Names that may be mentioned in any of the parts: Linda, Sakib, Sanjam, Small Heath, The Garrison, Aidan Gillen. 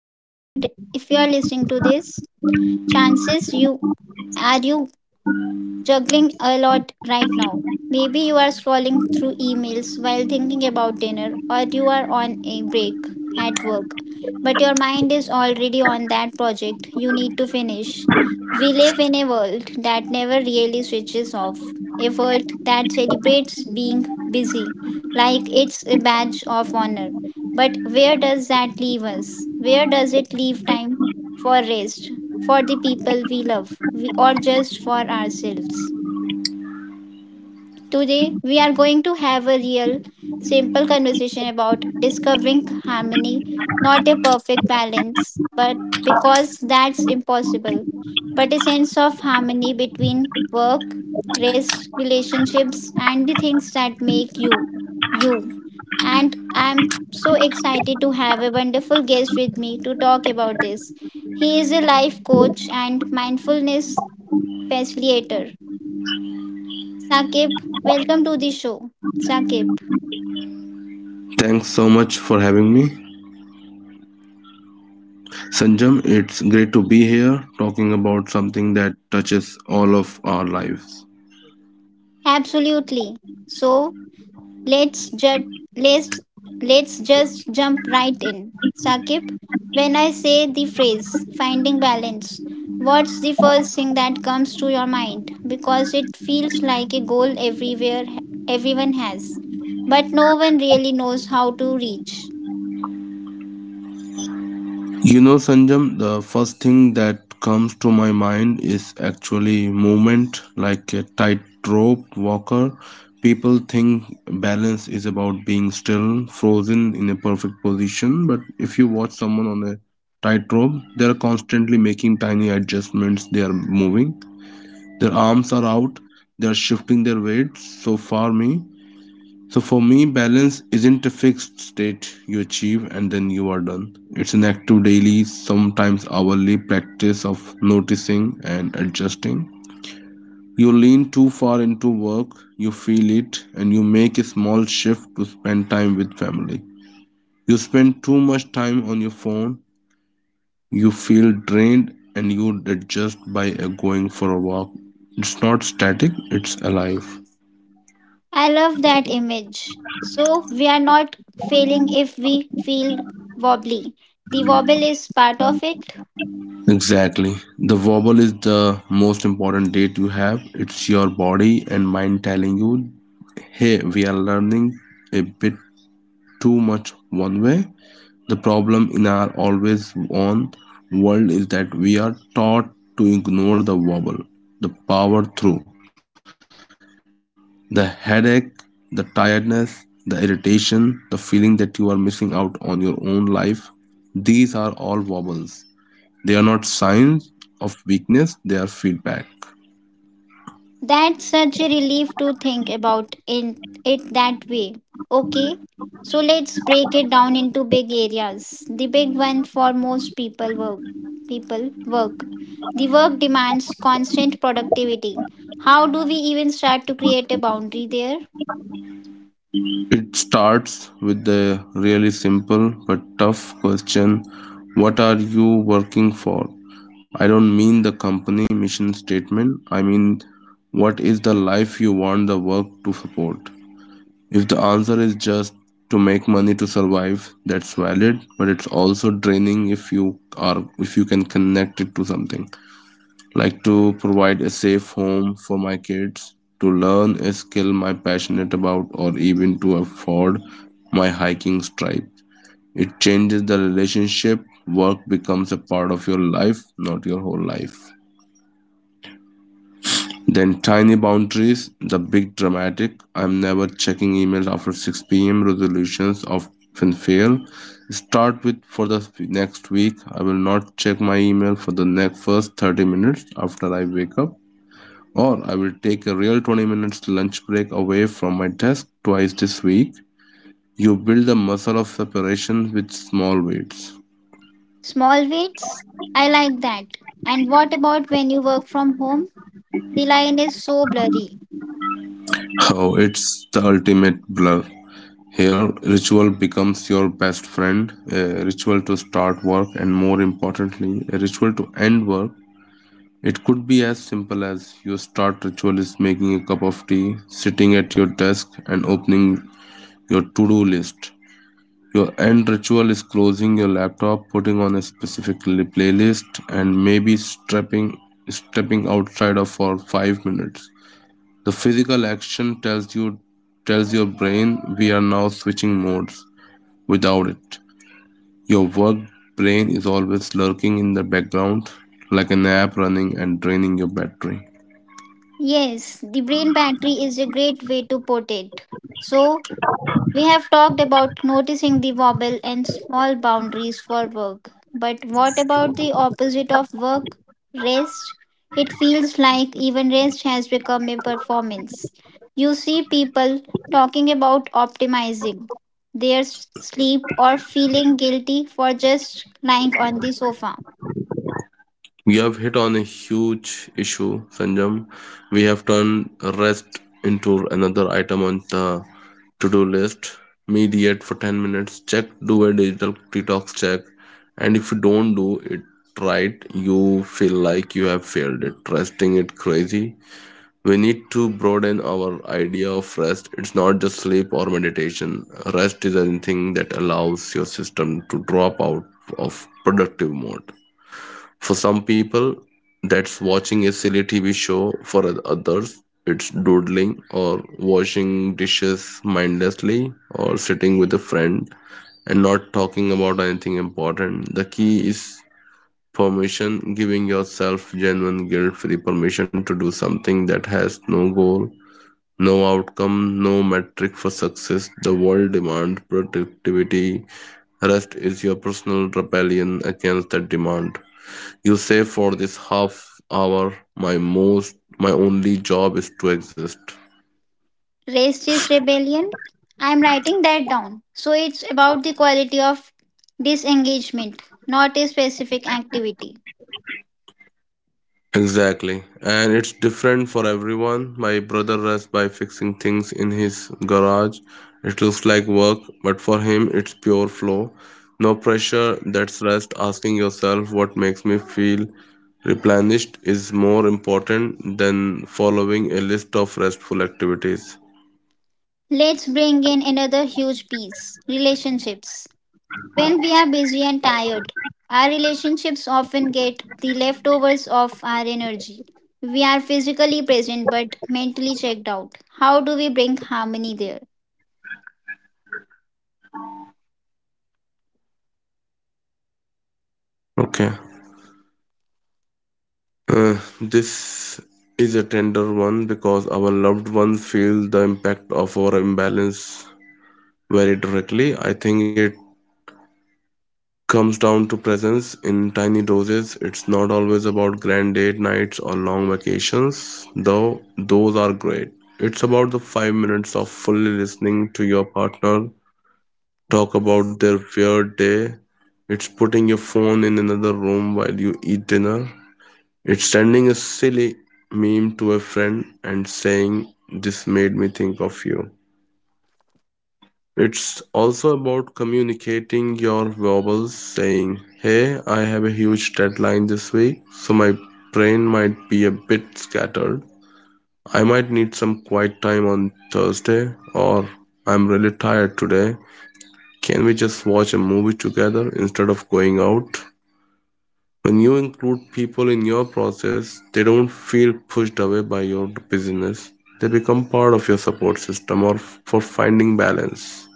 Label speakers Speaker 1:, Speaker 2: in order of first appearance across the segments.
Speaker 1: If you are listening to this, chances you are you juggling a lot right now? Maybe you are scrolling through emails while thinking about dinner, or you are on a break at work, but your mind is already on that project you need to finish. We live in a world that never really switches off, a world that celebrates being busy like it's a badge of honor. But where does that leave us? Where does it leave time for rest, for the people we love we, or just for ourselves? Today, we are going to have a real, simple conversation about discovering harmony, not a perfect balance, but because that's impossible, but a sense of harmony between work, rest, relationships, and the things that make you, you. And I'm so excited to have a wonderful guest with me to talk about this. He is a life coach and mindfulness facilitator. Sakib, welcome to the show. Sakib,
Speaker 2: Thanks so much for having me. Sanjam, it's great to be here talking about something that touches all of our lives.
Speaker 1: absolutely. So let's just let's let's just jump right in. Sakib, when I say the phrase finding balance, what's the first thing that comes to your mind? Because it feels like a goal everywhere everyone has, but no one really knows how to reach.
Speaker 2: You know, Sanjam, the first thing that comes to my mind is actually movement, like a tightrope walker. People think balance is about being still, frozen in a perfect position, but if you watch someone on a tightrope, they are constantly making tiny adjustments, they are moving. Their arms are out, they are shifting their weight. So for me balance isn't a fixed state you achieve and then you are done. It's an active daily, sometimes hourly practice of noticing and adjusting. You lean too far into work, you feel it, and you make a small shift to spend time with family. You spend too much time on your phone, you feel drained, and you adjust by going for a walk. It's not static, it's alive.
Speaker 1: I love that image. So, we are not failing if we feel wobbly. The wobble is part of it.
Speaker 2: Exactly. The wobble is the most important date you have. It's your body and mind telling you, hey, we are learning a bit too much one way. The problem in our always on world is that we are taught to ignore the wobble, the power through, the headache, the tiredness, the irritation, the feeling that you are missing out on your own life. These are all wobbles. They are not signs of weakness, they are feedback.
Speaker 1: That's such a relief to think about in it that way. Okay, so let's break it down into big areas. The big one for most people: work. The work demands constant productivity. How do we even start to create a boundary there?
Speaker 2: It starts with the really simple but tough question: what are you working for? I don't mean the company mission statement, I mean what is the life you want the work to support. If the answer is just to make money to survive, that's valid, but it's also draining if you can connect it to something, like to provide a safe home for my kids, to learn a skill my passionate about, or even to afford my hiking stripe. It changes the relationship. Work becomes a part of your life, not your whole life. Then tiny boundaries. The big dramatic I'm never checking emails after 6 p.m. resolutions often fail. Start with, for the next week, I will not check my email for the next first 30 minutes after I wake up. Or I will take a real 20 minutes lunch break away from my desk twice this week. You build the muscle of separation with small weights.
Speaker 1: Small weights? I like that. And what about when you work from home? The line is so blurry.
Speaker 2: Oh, it's the ultimate blur. Here, ritual becomes your best friend, a ritual to start work, and more importantly, a ritual to end work. It could be as simple as your start ritual is making a cup of tea, sitting at your desk, and opening your to do list. Your end ritual is closing your laptop, putting on a specific playlist, and maybe stepping outside of for 5 minutes. The physical action tells your brain we are now switching modes. Without it, your work brain is always lurking in the background, like an app running and draining your battery.
Speaker 1: Yes, the brain battery is a great way to put it. So, we have talked about noticing the wobble and small boundaries for work. But what about the opposite of work? Rest? It feels like even rest has become a performance. You see people talking about optimizing their sleep or feeling guilty for just lying on the sofa.
Speaker 2: You have hit on a huge issue, Sanjam. We have turned rest into another item on the to do list. Mediate for 10 minutes, check, do a digital detox check, and if you don't do it right, you feel like you have failed it. Resting it crazy. We need to broaden our idea of rest. It's not just sleep or meditation. Rest is anything that allows your system to drop out of productive mode. For some people, that's watching a silly TV show. For others, it's doodling or washing dishes mindlessly or sitting with a friend and not talking about anything important. The key is permission, giving yourself genuine guilt free permission to do something that has no goal, no outcome, no metric for success. The world demands productivity. Rest is your personal rebellion against that demand. You say, for this half hour, my most my only job is to exist.
Speaker 1: Rest is rebellion. I'm writing that down. So it's about the quality of disengagement, not a specific activity.
Speaker 2: Exactly. And it's different for everyone. My brother rests by fixing things in his garage. It looks like work, but for him it's pure flow. No pressure, that's rest. Asking yourself what makes me feel replenished is more important than following a list of restful activities.
Speaker 1: Let's bring in another huge piece: relationships. When we are busy and tired, our relationships often get the leftovers of our energy. We are physically present but mentally checked out. How do we bring harmony there?
Speaker 2: Okay. This is a tender one because our loved ones feel the impact of our imbalance very directly. I think it comes down to presence in tiny doses. It's not always about grand date nights or long vacations, though those are great. It's about the 5 minutes of fully listening to your partner talk about their weird day. It's putting your phone in another room while you eat dinner. It's sending a silly meme to a friend and saying, "This made me think of you." It's also about communicating your wobbles, saying, "Hey, I have a huge deadline this week, so my brain might be a bit scattered. I might need some quiet time on Thursday," or "I'm really tired today. Can we just watch a movie together instead of going out?" When you include people in your process, they don't feel pushed away by your busyness. They become part of your support system or for finding balance.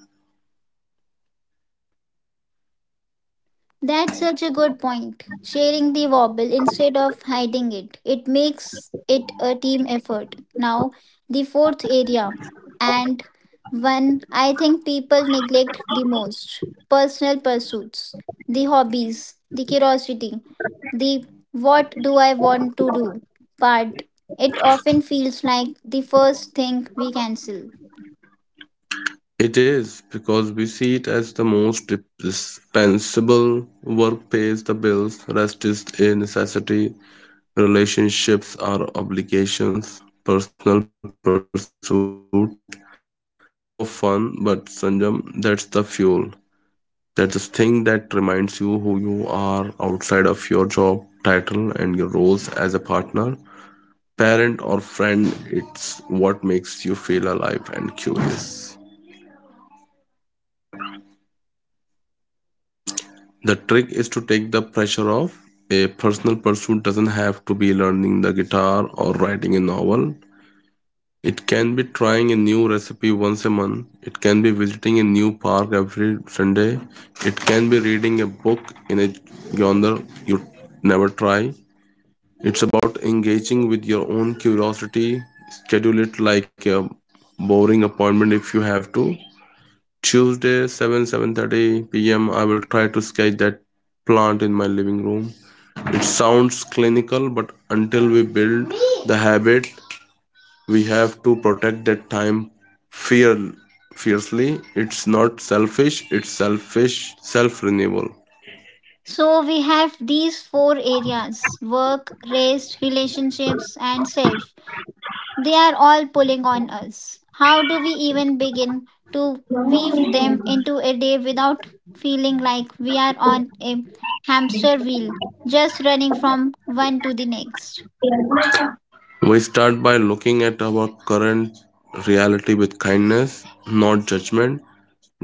Speaker 1: That's such a good point. Sharing the wobble instead of hiding it. It makes it a team effort. Now, the fourth area, and one I think people neglect the most: personal pursuits, the hobbies, the curiosity, the what do I want to do part. It often feels like the first thing we cancel.
Speaker 2: It is because we see it as the most dispensable. Work pays the bills, rest is a necessity, relationships are obligations, personal pursuit, that's just for fun. But Sanjam, that's the fuel. That's the thing that reminds you who you are outside of your job title and your roles as a partner, parent, or friend. It's what makes you feel alive and curious. The trick is to take the pressure off. A personal pursuit doesn't have to be learning the guitar or writing a novel. It can be trying a new recipe once a month. It can be visiting a new park every Sunday. It can be reading a book in a genre you never try. It's about engaging with your own curiosity. Schedule it like a boring appointment if you have to. Tuesday, 7 7:30 p.m., I will try to sketch that plant in my living room. It sounds clinical, but until we build the habit, we have to protect that time fear fiercely. It's not selfish, it's self renewal.
Speaker 1: So we have these four areas: work, rest, relationships, and self. They are all pulling on us. How do we even begin to weave them into a day without feeling like we are on a hamster wheel, just running from one to the next?
Speaker 2: We start by looking at our current reality with kindness, not judgment.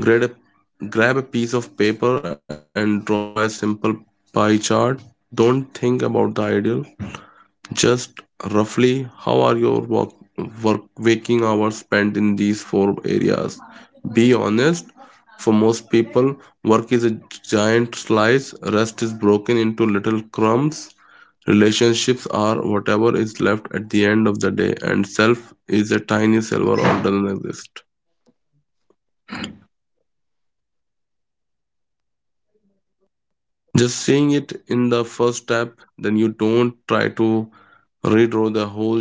Speaker 2: Grab a piece of paper and draw a simple pie chart. Don't think about the ideal, just roughly how are your work waking hours spent in these four areas. Be honest, for most people, work is a giant slice, rest is broken into little crumbs. Relationships are whatever is left at the end of the day, and self is a tiny silver or doesn't exist. Just seeing it in the first step, then you don't try to redraw the whole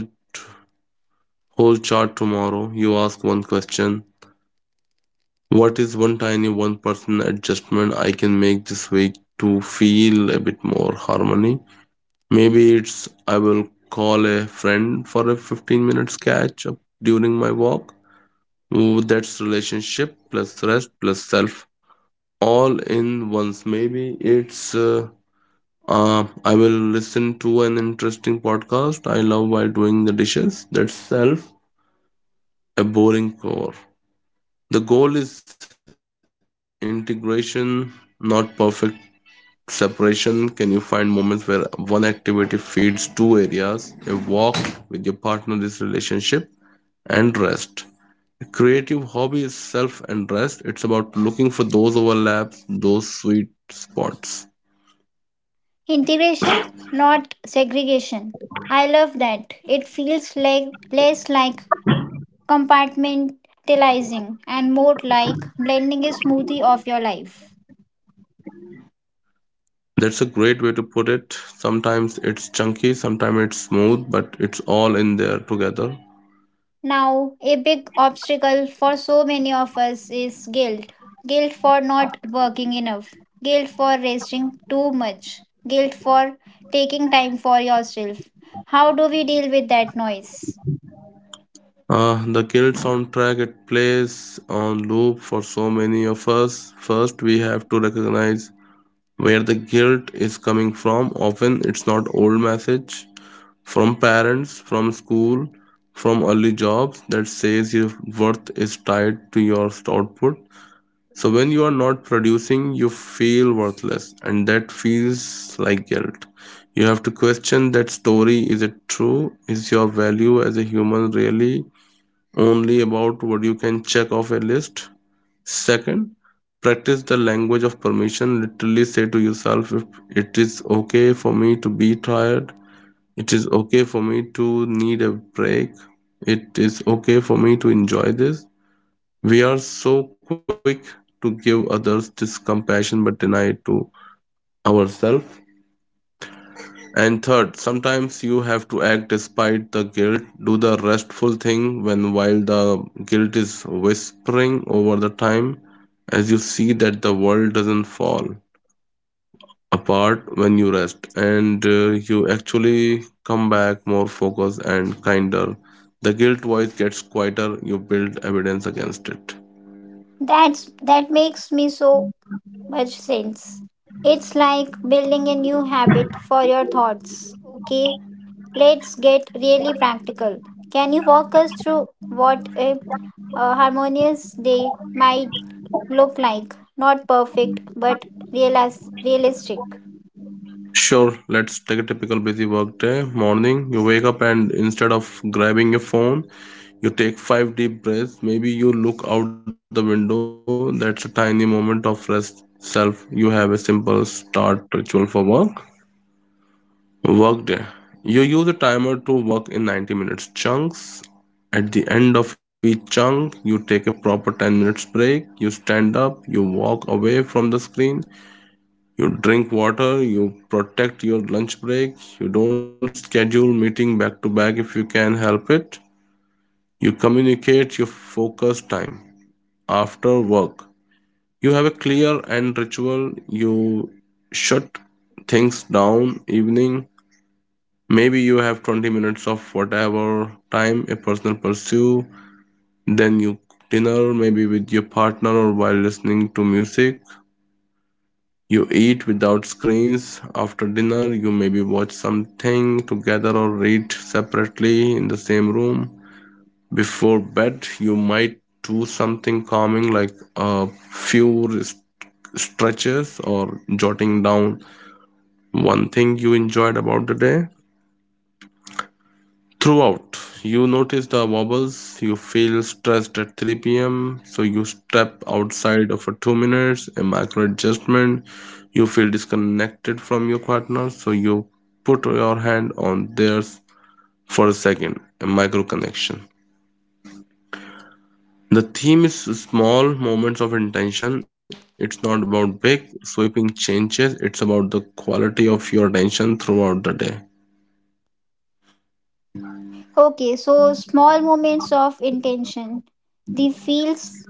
Speaker 2: whole chart tomorrow. You ask one question: what is one tiny one person adjustment I can make this week to feel a bit more harmony? Maybe it's, I will call a friend for a 15 minutes catch up during my walk. Ooh, that's relationship plus rest plus self all in once. Maybe it's I will listen to an interesting podcast I love while doing the dishes. That's self, a boring core. The goal is integration, not perfect separation. Can you find moments where one activity feeds two areas? A walk with your partner, this relationship, and rest. Creative hobby is self and rest. It's about looking for those overlaps, those sweet spots.
Speaker 1: Integration, not segregation. I love that. It feels like less like compartmentalizing and more like blending a smoothie of your life.
Speaker 2: That's a great way to put it. Sometimes it's chunky, sometimes it's smooth, but it's all in there together.
Speaker 1: Now, a big obstacle for so many of us is guilt: guilt for not working enough, guilt for resting too much, guilt for taking time for yourself. How do we deal with that noise?
Speaker 2: The guild soundtrack it plays on loop for so many of us. First, we have to recognize where the guilt is coming from. Often, it's not old message from parents, from school, from early jobs that says your worth is tied to your output. So when you are not producing, you feel worthless, and that feels like guilt. You have to question that story, is it true? Is your value as a human really only about what you can check off a list? Second, practice the language of permission. Literally say to yourself, if it is okay for me to be tired, it is okay for me to need a break. It is okay for me to enjoy this. We are so quick to give others this compassion but deny it to ourselves. And third, sometimes you have to act despite the guilt. Do the restful thing when while the guilt is whispering over the time, as you see that the world doesn't fall apart when you rest, and you actually come back more focused and kinder. The guilt voice gets quieter, you build evidence against it.
Speaker 1: That makes me so much sense. It's like building a new habit for your thoughts. Okay, let's get really practical. Can you walk us through what a harmonious day might look like? Not perfect, but realistic.
Speaker 2: Sure, let's take a typical busy work day. Morning, you wake up and instead of grabbing your phone, you take five deep breaths. Maybe you look out the window. That's a tiny moment of rest. Self, you have a simple start ritual for work. Workday, you use a timer to work in 90 minutes chunks. At the end of each chunk, you take a proper 10 minutes break. You stand up, you walk away from the screen, you drink water, you protect your lunch break, you don't schedule meeting back to back if you can help it. You communicate your focus time after work. You have a clear end ritual. You shut things down. Evening, maybe you have 20 minutes of whatever time a personal pursue, then you dinner maybe with your partner or while listening to music. You eat without screens. After dinner, you maybe watch something together or read separately in the same room. Before bed, you might do something calming like a few stretches or jotting down one thing you enjoyed about the day throughout. You notice the wobbles, you feel stressed at 3 p.m., so you step outside for 2 minutes, a micro adjustment. You feel disconnected from your partner, so you put your hand on theirs for a second, a micro connection. The theme is small moments of intention. It's not about big, sweeping changes, it's about the quality of your attention throughout the day.
Speaker 1: Okay, so small moments of intention. The feels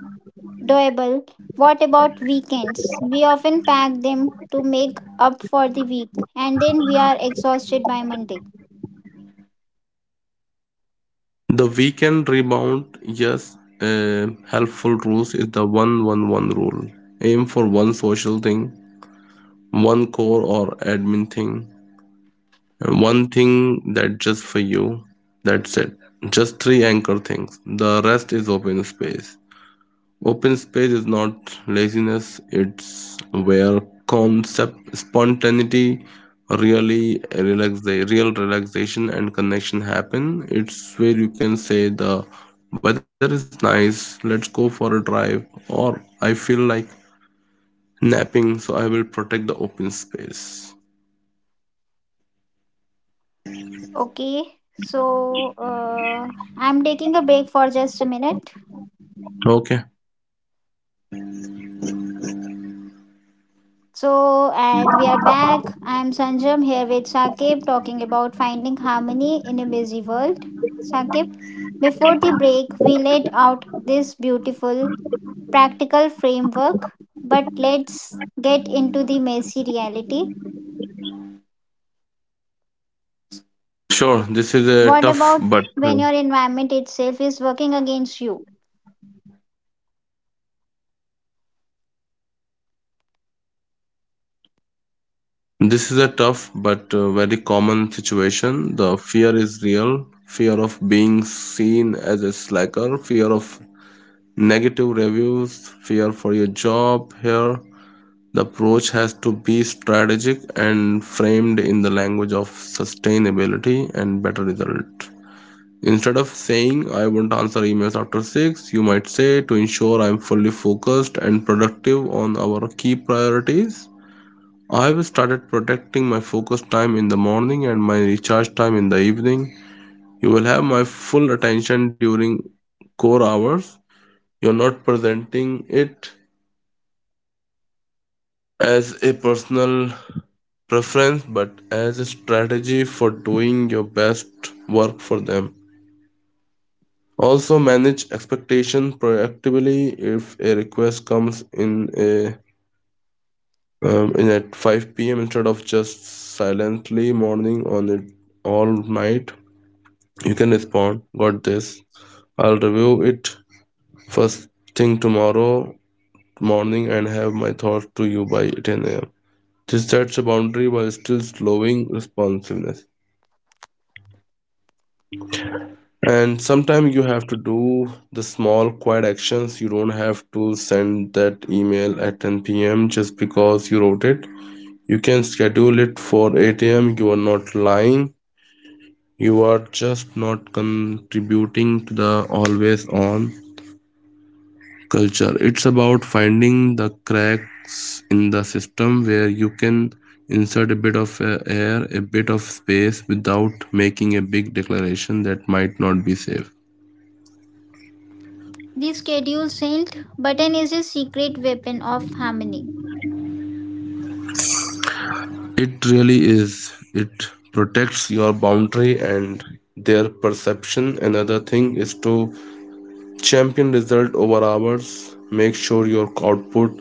Speaker 1: doable. What about weekends? We often pack them to make up for the week, and then we are exhausted by Monday.
Speaker 2: The weekend rebound, yes, a helpful rules is the one one one rule. Aim for one social thing, one core or admin thing, and one thing that just for you. That's it. Just three anchor things. The rest is open space. Open space is not laziness, it's where concept spontaneity real relaxation and connection happen. It's where you can say the weather is nice, let's go for a drive, or I feel like napping, so I will protect the open space.
Speaker 1: Okay, so I'm taking a break for just a minute.
Speaker 2: Okay.
Speaker 1: So, and we are back. I'm Sanjam here with Sakib talking about finding harmony in a busy world. Sakib, before the break, we laid out this beautiful practical framework, but let's get into the messy reality.
Speaker 2: Sure, this is a
Speaker 1: What
Speaker 2: tough
Speaker 1: about
Speaker 2: but uh,
Speaker 1: when your environment itself is working against you?
Speaker 2: This is a tough but very common situation. The fear is real. Fear of being seen as a slacker, fear of negative reviews, fear for your job here. The approach has to be strategic and framed in the language of sustainability and better result. Instead of saying, I won't answer emails after 6, you might say, to ensure I'm fully focused and productive on our key priorities, I've started protecting my focus time in the morning and my recharge time in the evening. You will have my full attention during core hours. You're not presenting it as a personal preference but as a strategy for doing your best work for them. Also, manage expectations proactively. If a request comes in at 5 p.m. instead of just silently mourning on it all night, you can respond, Got this. I'll review it first thing tomorrow morning and have my thoughts to you by 10 a.m. This sets a boundary while still slowing responsiveness. And sometimes you have to do the small, quiet actions. You don't have to send that email at 10 p.m. just because you wrote it. You can schedule it for 8 a.m. You are not lying. You are just not contributing to the always on culture. It's about finding the cracks in the system where you can insert a bit of air, a bit of space without making a big declaration that might not be safe.
Speaker 1: The schedule saint button is a secret weapon of harmony.
Speaker 2: It really is. It protects your boundary and their perception. Another thing is to champion result over hours. Make sure your output,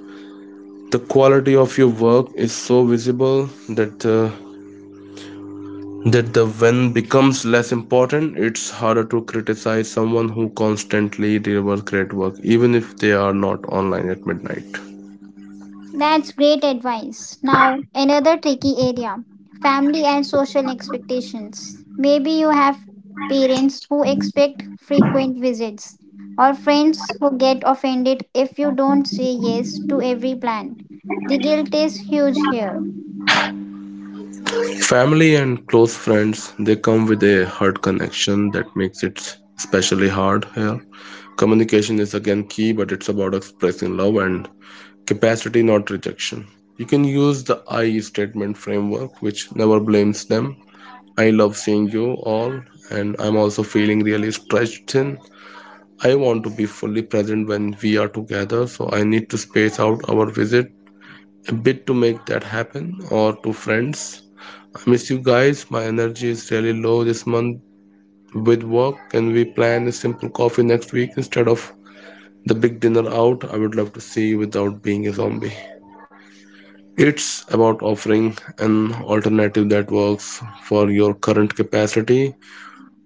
Speaker 2: the quality of your work, is so visible that that the when becomes less important. It's harder to criticize someone who constantly delivers great work even if they are not online at midnight.
Speaker 1: That's great advice. Now, another tricky area: family and social expectations. Maybe you have parents who expect frequent visits, or friends who get offended if you don't say yes to every plan. The guilt is huge here.
Speaker 2: Family and close friends, they come with a hard connection that makes it especially hard here. Communication is again key, but it's about expressing love and capacity, not rejection. You can use the I statement framework which never blames them. I love seeing you all, and I'm also feeling really stretched thin. I want to be fully present when we are together, so I need to space out our visit a bit to make that happen. Or to friends, I miss you guys. My energy is really low this month with work. Can we plan a simple coffee next week instead of the big dinner out? I would love to see you without being a zombie. It's about offering an alternative that works for your current capacity.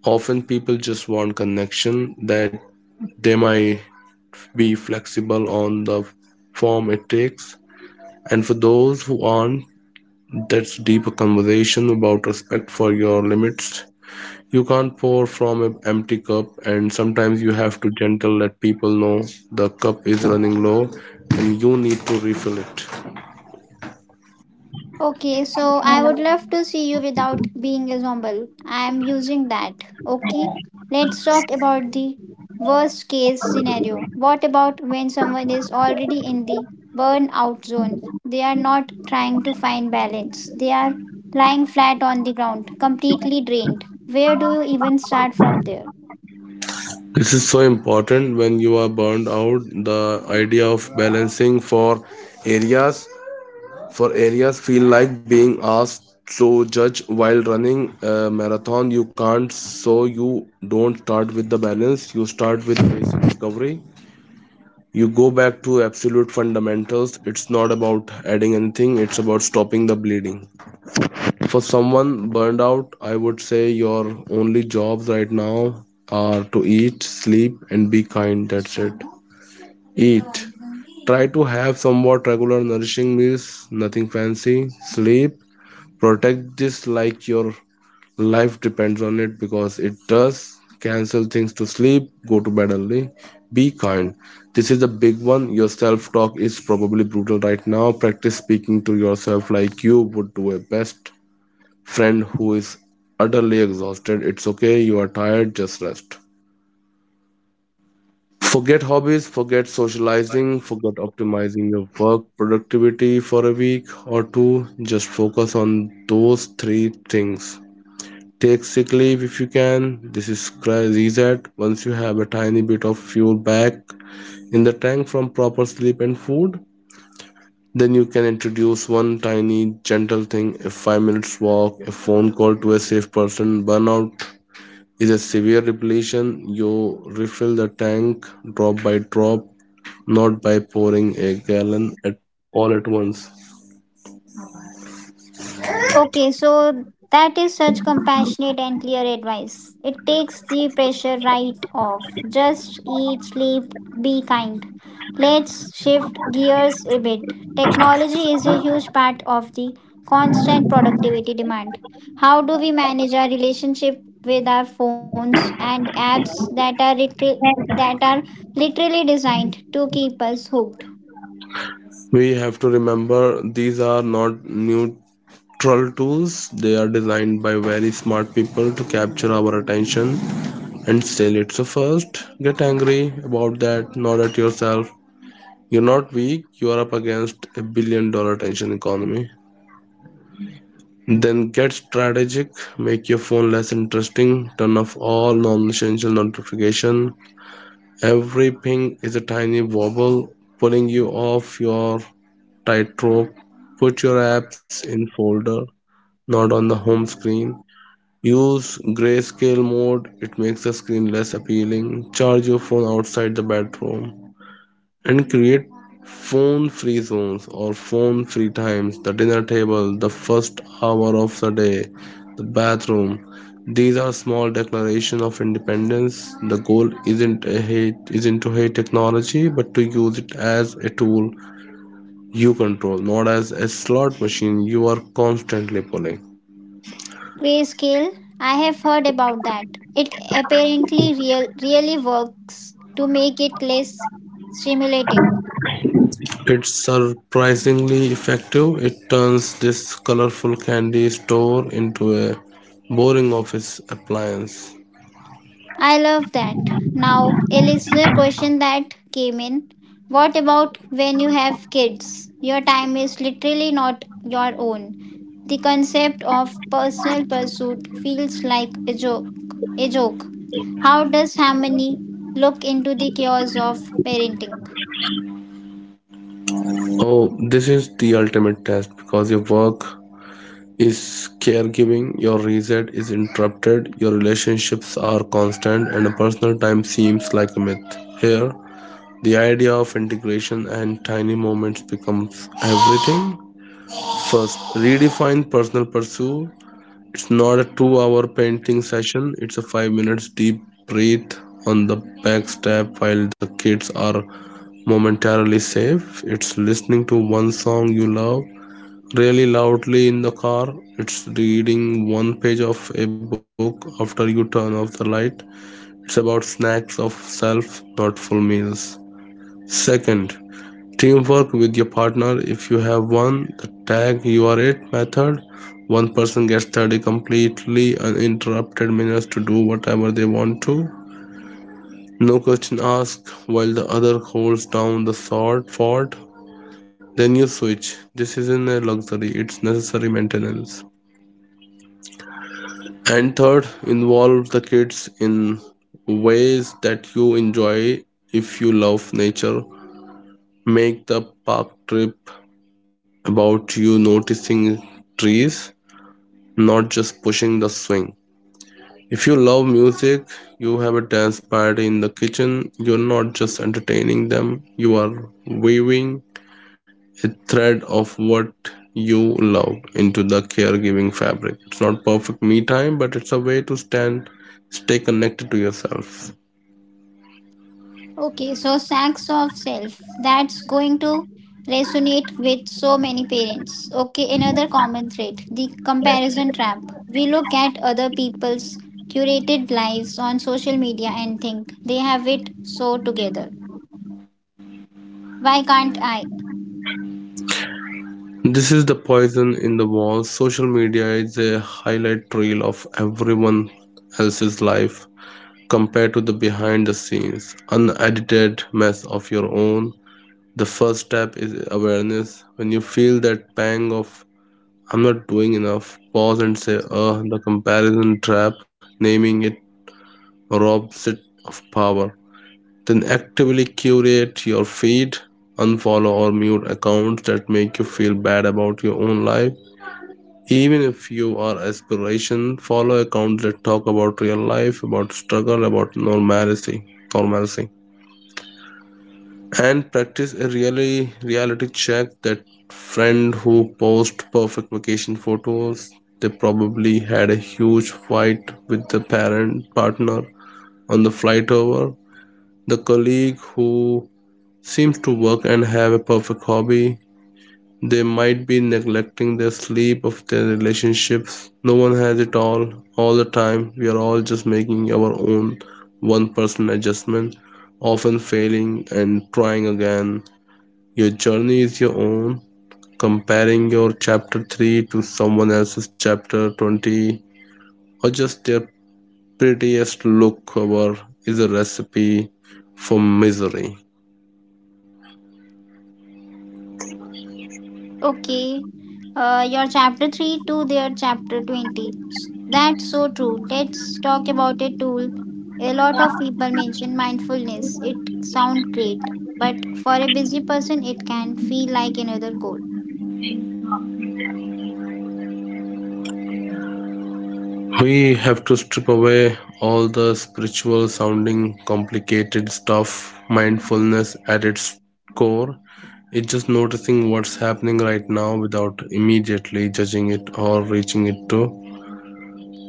Speaker 2: Often people just want connection, that they might be flexible on the form it takes. And for those who aren't, that's deeper conversation about respect for your limits. You can't pour from an empty cup, and sometimes you have to gentle let people know the cup is running low and you need to refill it.
Speaker 1: Okay, so I would love to see you without being a zombie. I am using that. Okay, let's talk about the worst case scenario. What about when someone is already in the burnout zone? They are not trying to find balance, they are lying flat on the ground, completely drained. Where do you even start from there?
Speaker 2: This is so important. When you are burned out, the idea of balancing areas for areas feel like being asked to judge while running a marathon. You can't. So you don't start with the balance, you start with basic recovery. You go back to absolute fundamentals. It's not about adding anything, it's about stopping the bleeding. For someone burned out, I would say your only jobs right now are to eat, sleep, and be kind. That's it. Eat, try to have somewhat regular nourishing meals, nothing fancy. Sleep, protect this like your life depends on it, because it does. Cancel things to sleep, go to bed early. Be kind, this is the big one. Your self talk is probably brutal right now. Practice speaking to yourself like you would to a best friend who is utterly exhausted. It's okay, you are tired, just rest. Forget hobbies, forget socializing, forget optimizing your work productivity for a week or two. Just focus on those three things. Take sick leave if you can. Reset. Once you have a tiny bit of fuel back in the tank from proper sleep and food, then you can introduce one tiny gentle thing, a 5 minutes walk, a phone call to a safe person. Burnout is a severe depletion. You refill the tank drop by drop, not by pouring a gallon at all at once.
Speaker 1: Okay, so that is such compassionate and clear advice. It takes the pressure right off. Just eat, sleep, be kind. Let's shift gears a bit. Technology is a huge part of the constant productivity demand. How do we manage our relationship with our phones and apps that are that are literally designed to keep us hooked?
Speaker 2: We have to remember these are not neutral tools, they are designed by very smart people to capture our attention and steal it. So, first, get angry about that, not at yourself. You're not weak, you are up against a billion dollar attention economy. Then get strategic, make your phone less interesting, turn off all non essential notification. Every ping is a tiny wobble pulling you off your tightrope. Put your apps in folder, not on the home screen. Use grayscale mode, it makes the screen less appealing. Charge your phone outside the bedroom and create phone free zones or phone free times: the dinner table, the first hour of the day, the bathroom. These are small declarations of independence. The goal isn't a hate, isn't to hate technology, but to use it as a tool you control, not as a slot machine you are constantly pulling.
Speaker 1: Grayscale, I have heard about that. It apparently really works to make it less stimulating.
Speaker 2: It's surprisingly effective. It turns this colorful candy store into a boring office appliance.
Speaker 1: I love that. Now, a listener question that came in: what about when you have kids? Your time is literally not your own. The concept of personal pursuit feels like a joke. A joke. How does harmony look into the chaos of parenting?
Speaker 2: Oh, this is the ultimate test because your work is caregiving, your reset is interrupted, your relationships are constant, and a personal time seems like a myth. Here, the idea of integration and tiny moments becomes everything. First, redefine personal pursuit. It's not a 2 hour painting session, it's a 5 minutes deep breath on the back step while the kids are momentarily safe. It's listening to one song you love really loudly in the car. It's reading one page of a book after you turn off the light. It's about snacks of self, not full meals. Second, teamwork with your partner if you have one, the tag you are it method. One person gets 30 completely uninterrupted minutes to do whatever they want to, no question asked, while the other holds down the sword fort. Then you switch. This isn't a luxury, it's necessary maintenance. And third, involve the kids in ways that you enjoy. If you love nature, make the park trip about you noticing trees, not just pushing the swing. If you love music, you have a dance party in the kitchen, you're not just entertaining them, you are weaving a thread of what you love into the caregiving fabric. It's not perfect me time, but it's a way to stay connected to yourself.
Speaker 1: Okay, so sacks of self. That's going to resonate with so many parents. Okay, another common thread: the comparison trap. We look at other people's curated lives on social media and think they have it so together. Why can't I?
Speaker 2: This is the poison in the walls. Social media is a highlight reel of everyone else's life compared to the behind the scenes, unedited mess of your own. The first step is awareness. When you feel that pang of I'm not doing enough, pause and say, the comparison trap. Naming it robs it of power. Then actively curate your feed, unfollow or mute accounts that make you feel bad about your own life. Even if you are aspiration, follow accounts that talk about real life, about struggle, about normalcy. Normalcy. And practice a really reality check. That friend who posts perfect vacation photos, they probably had a huge fight with the parent partner on the flight over. The colleague who seems to work and have a perfect hobby, they might be neglecting their sleep of their relationships. No one has it all the time. We are all just making our own one person adjustment, often failing and trying again. Your journey is your own. Comparing your chapter 3 to someone else's chapter 20 or just their prettiest look cover is a recipe for misery.
Speaker 1: Okay. Your chapter 3 to their chapter 20. That's so true. Let's talk about a tool. A lot of people mention mindfulness. It sounds great, but for a busy person, it can feel like another code.
Speaker 2: We have to strip away all the spiritual sounding complicated stuff. Mindfulness at its core, it's just noticing what's happening right now without immediately judging it or reaching it to.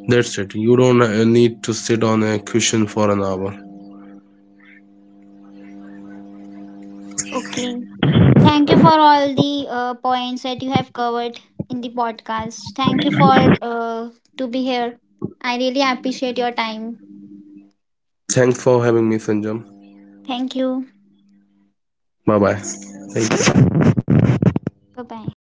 Speaker 2: That's it. You don't need to sit on a cushion for an hour.
Speaker 1: Okay. Thank you for all the points that you have covered in the podcast. Thank you for to be here. I really appreciate your time.
Speaker 2: Thanks for having me, Sanjam.
Speaker 1: Thank you.
Speaker 2: Bye bye. Thank you.
Speaker 1: Bye bye.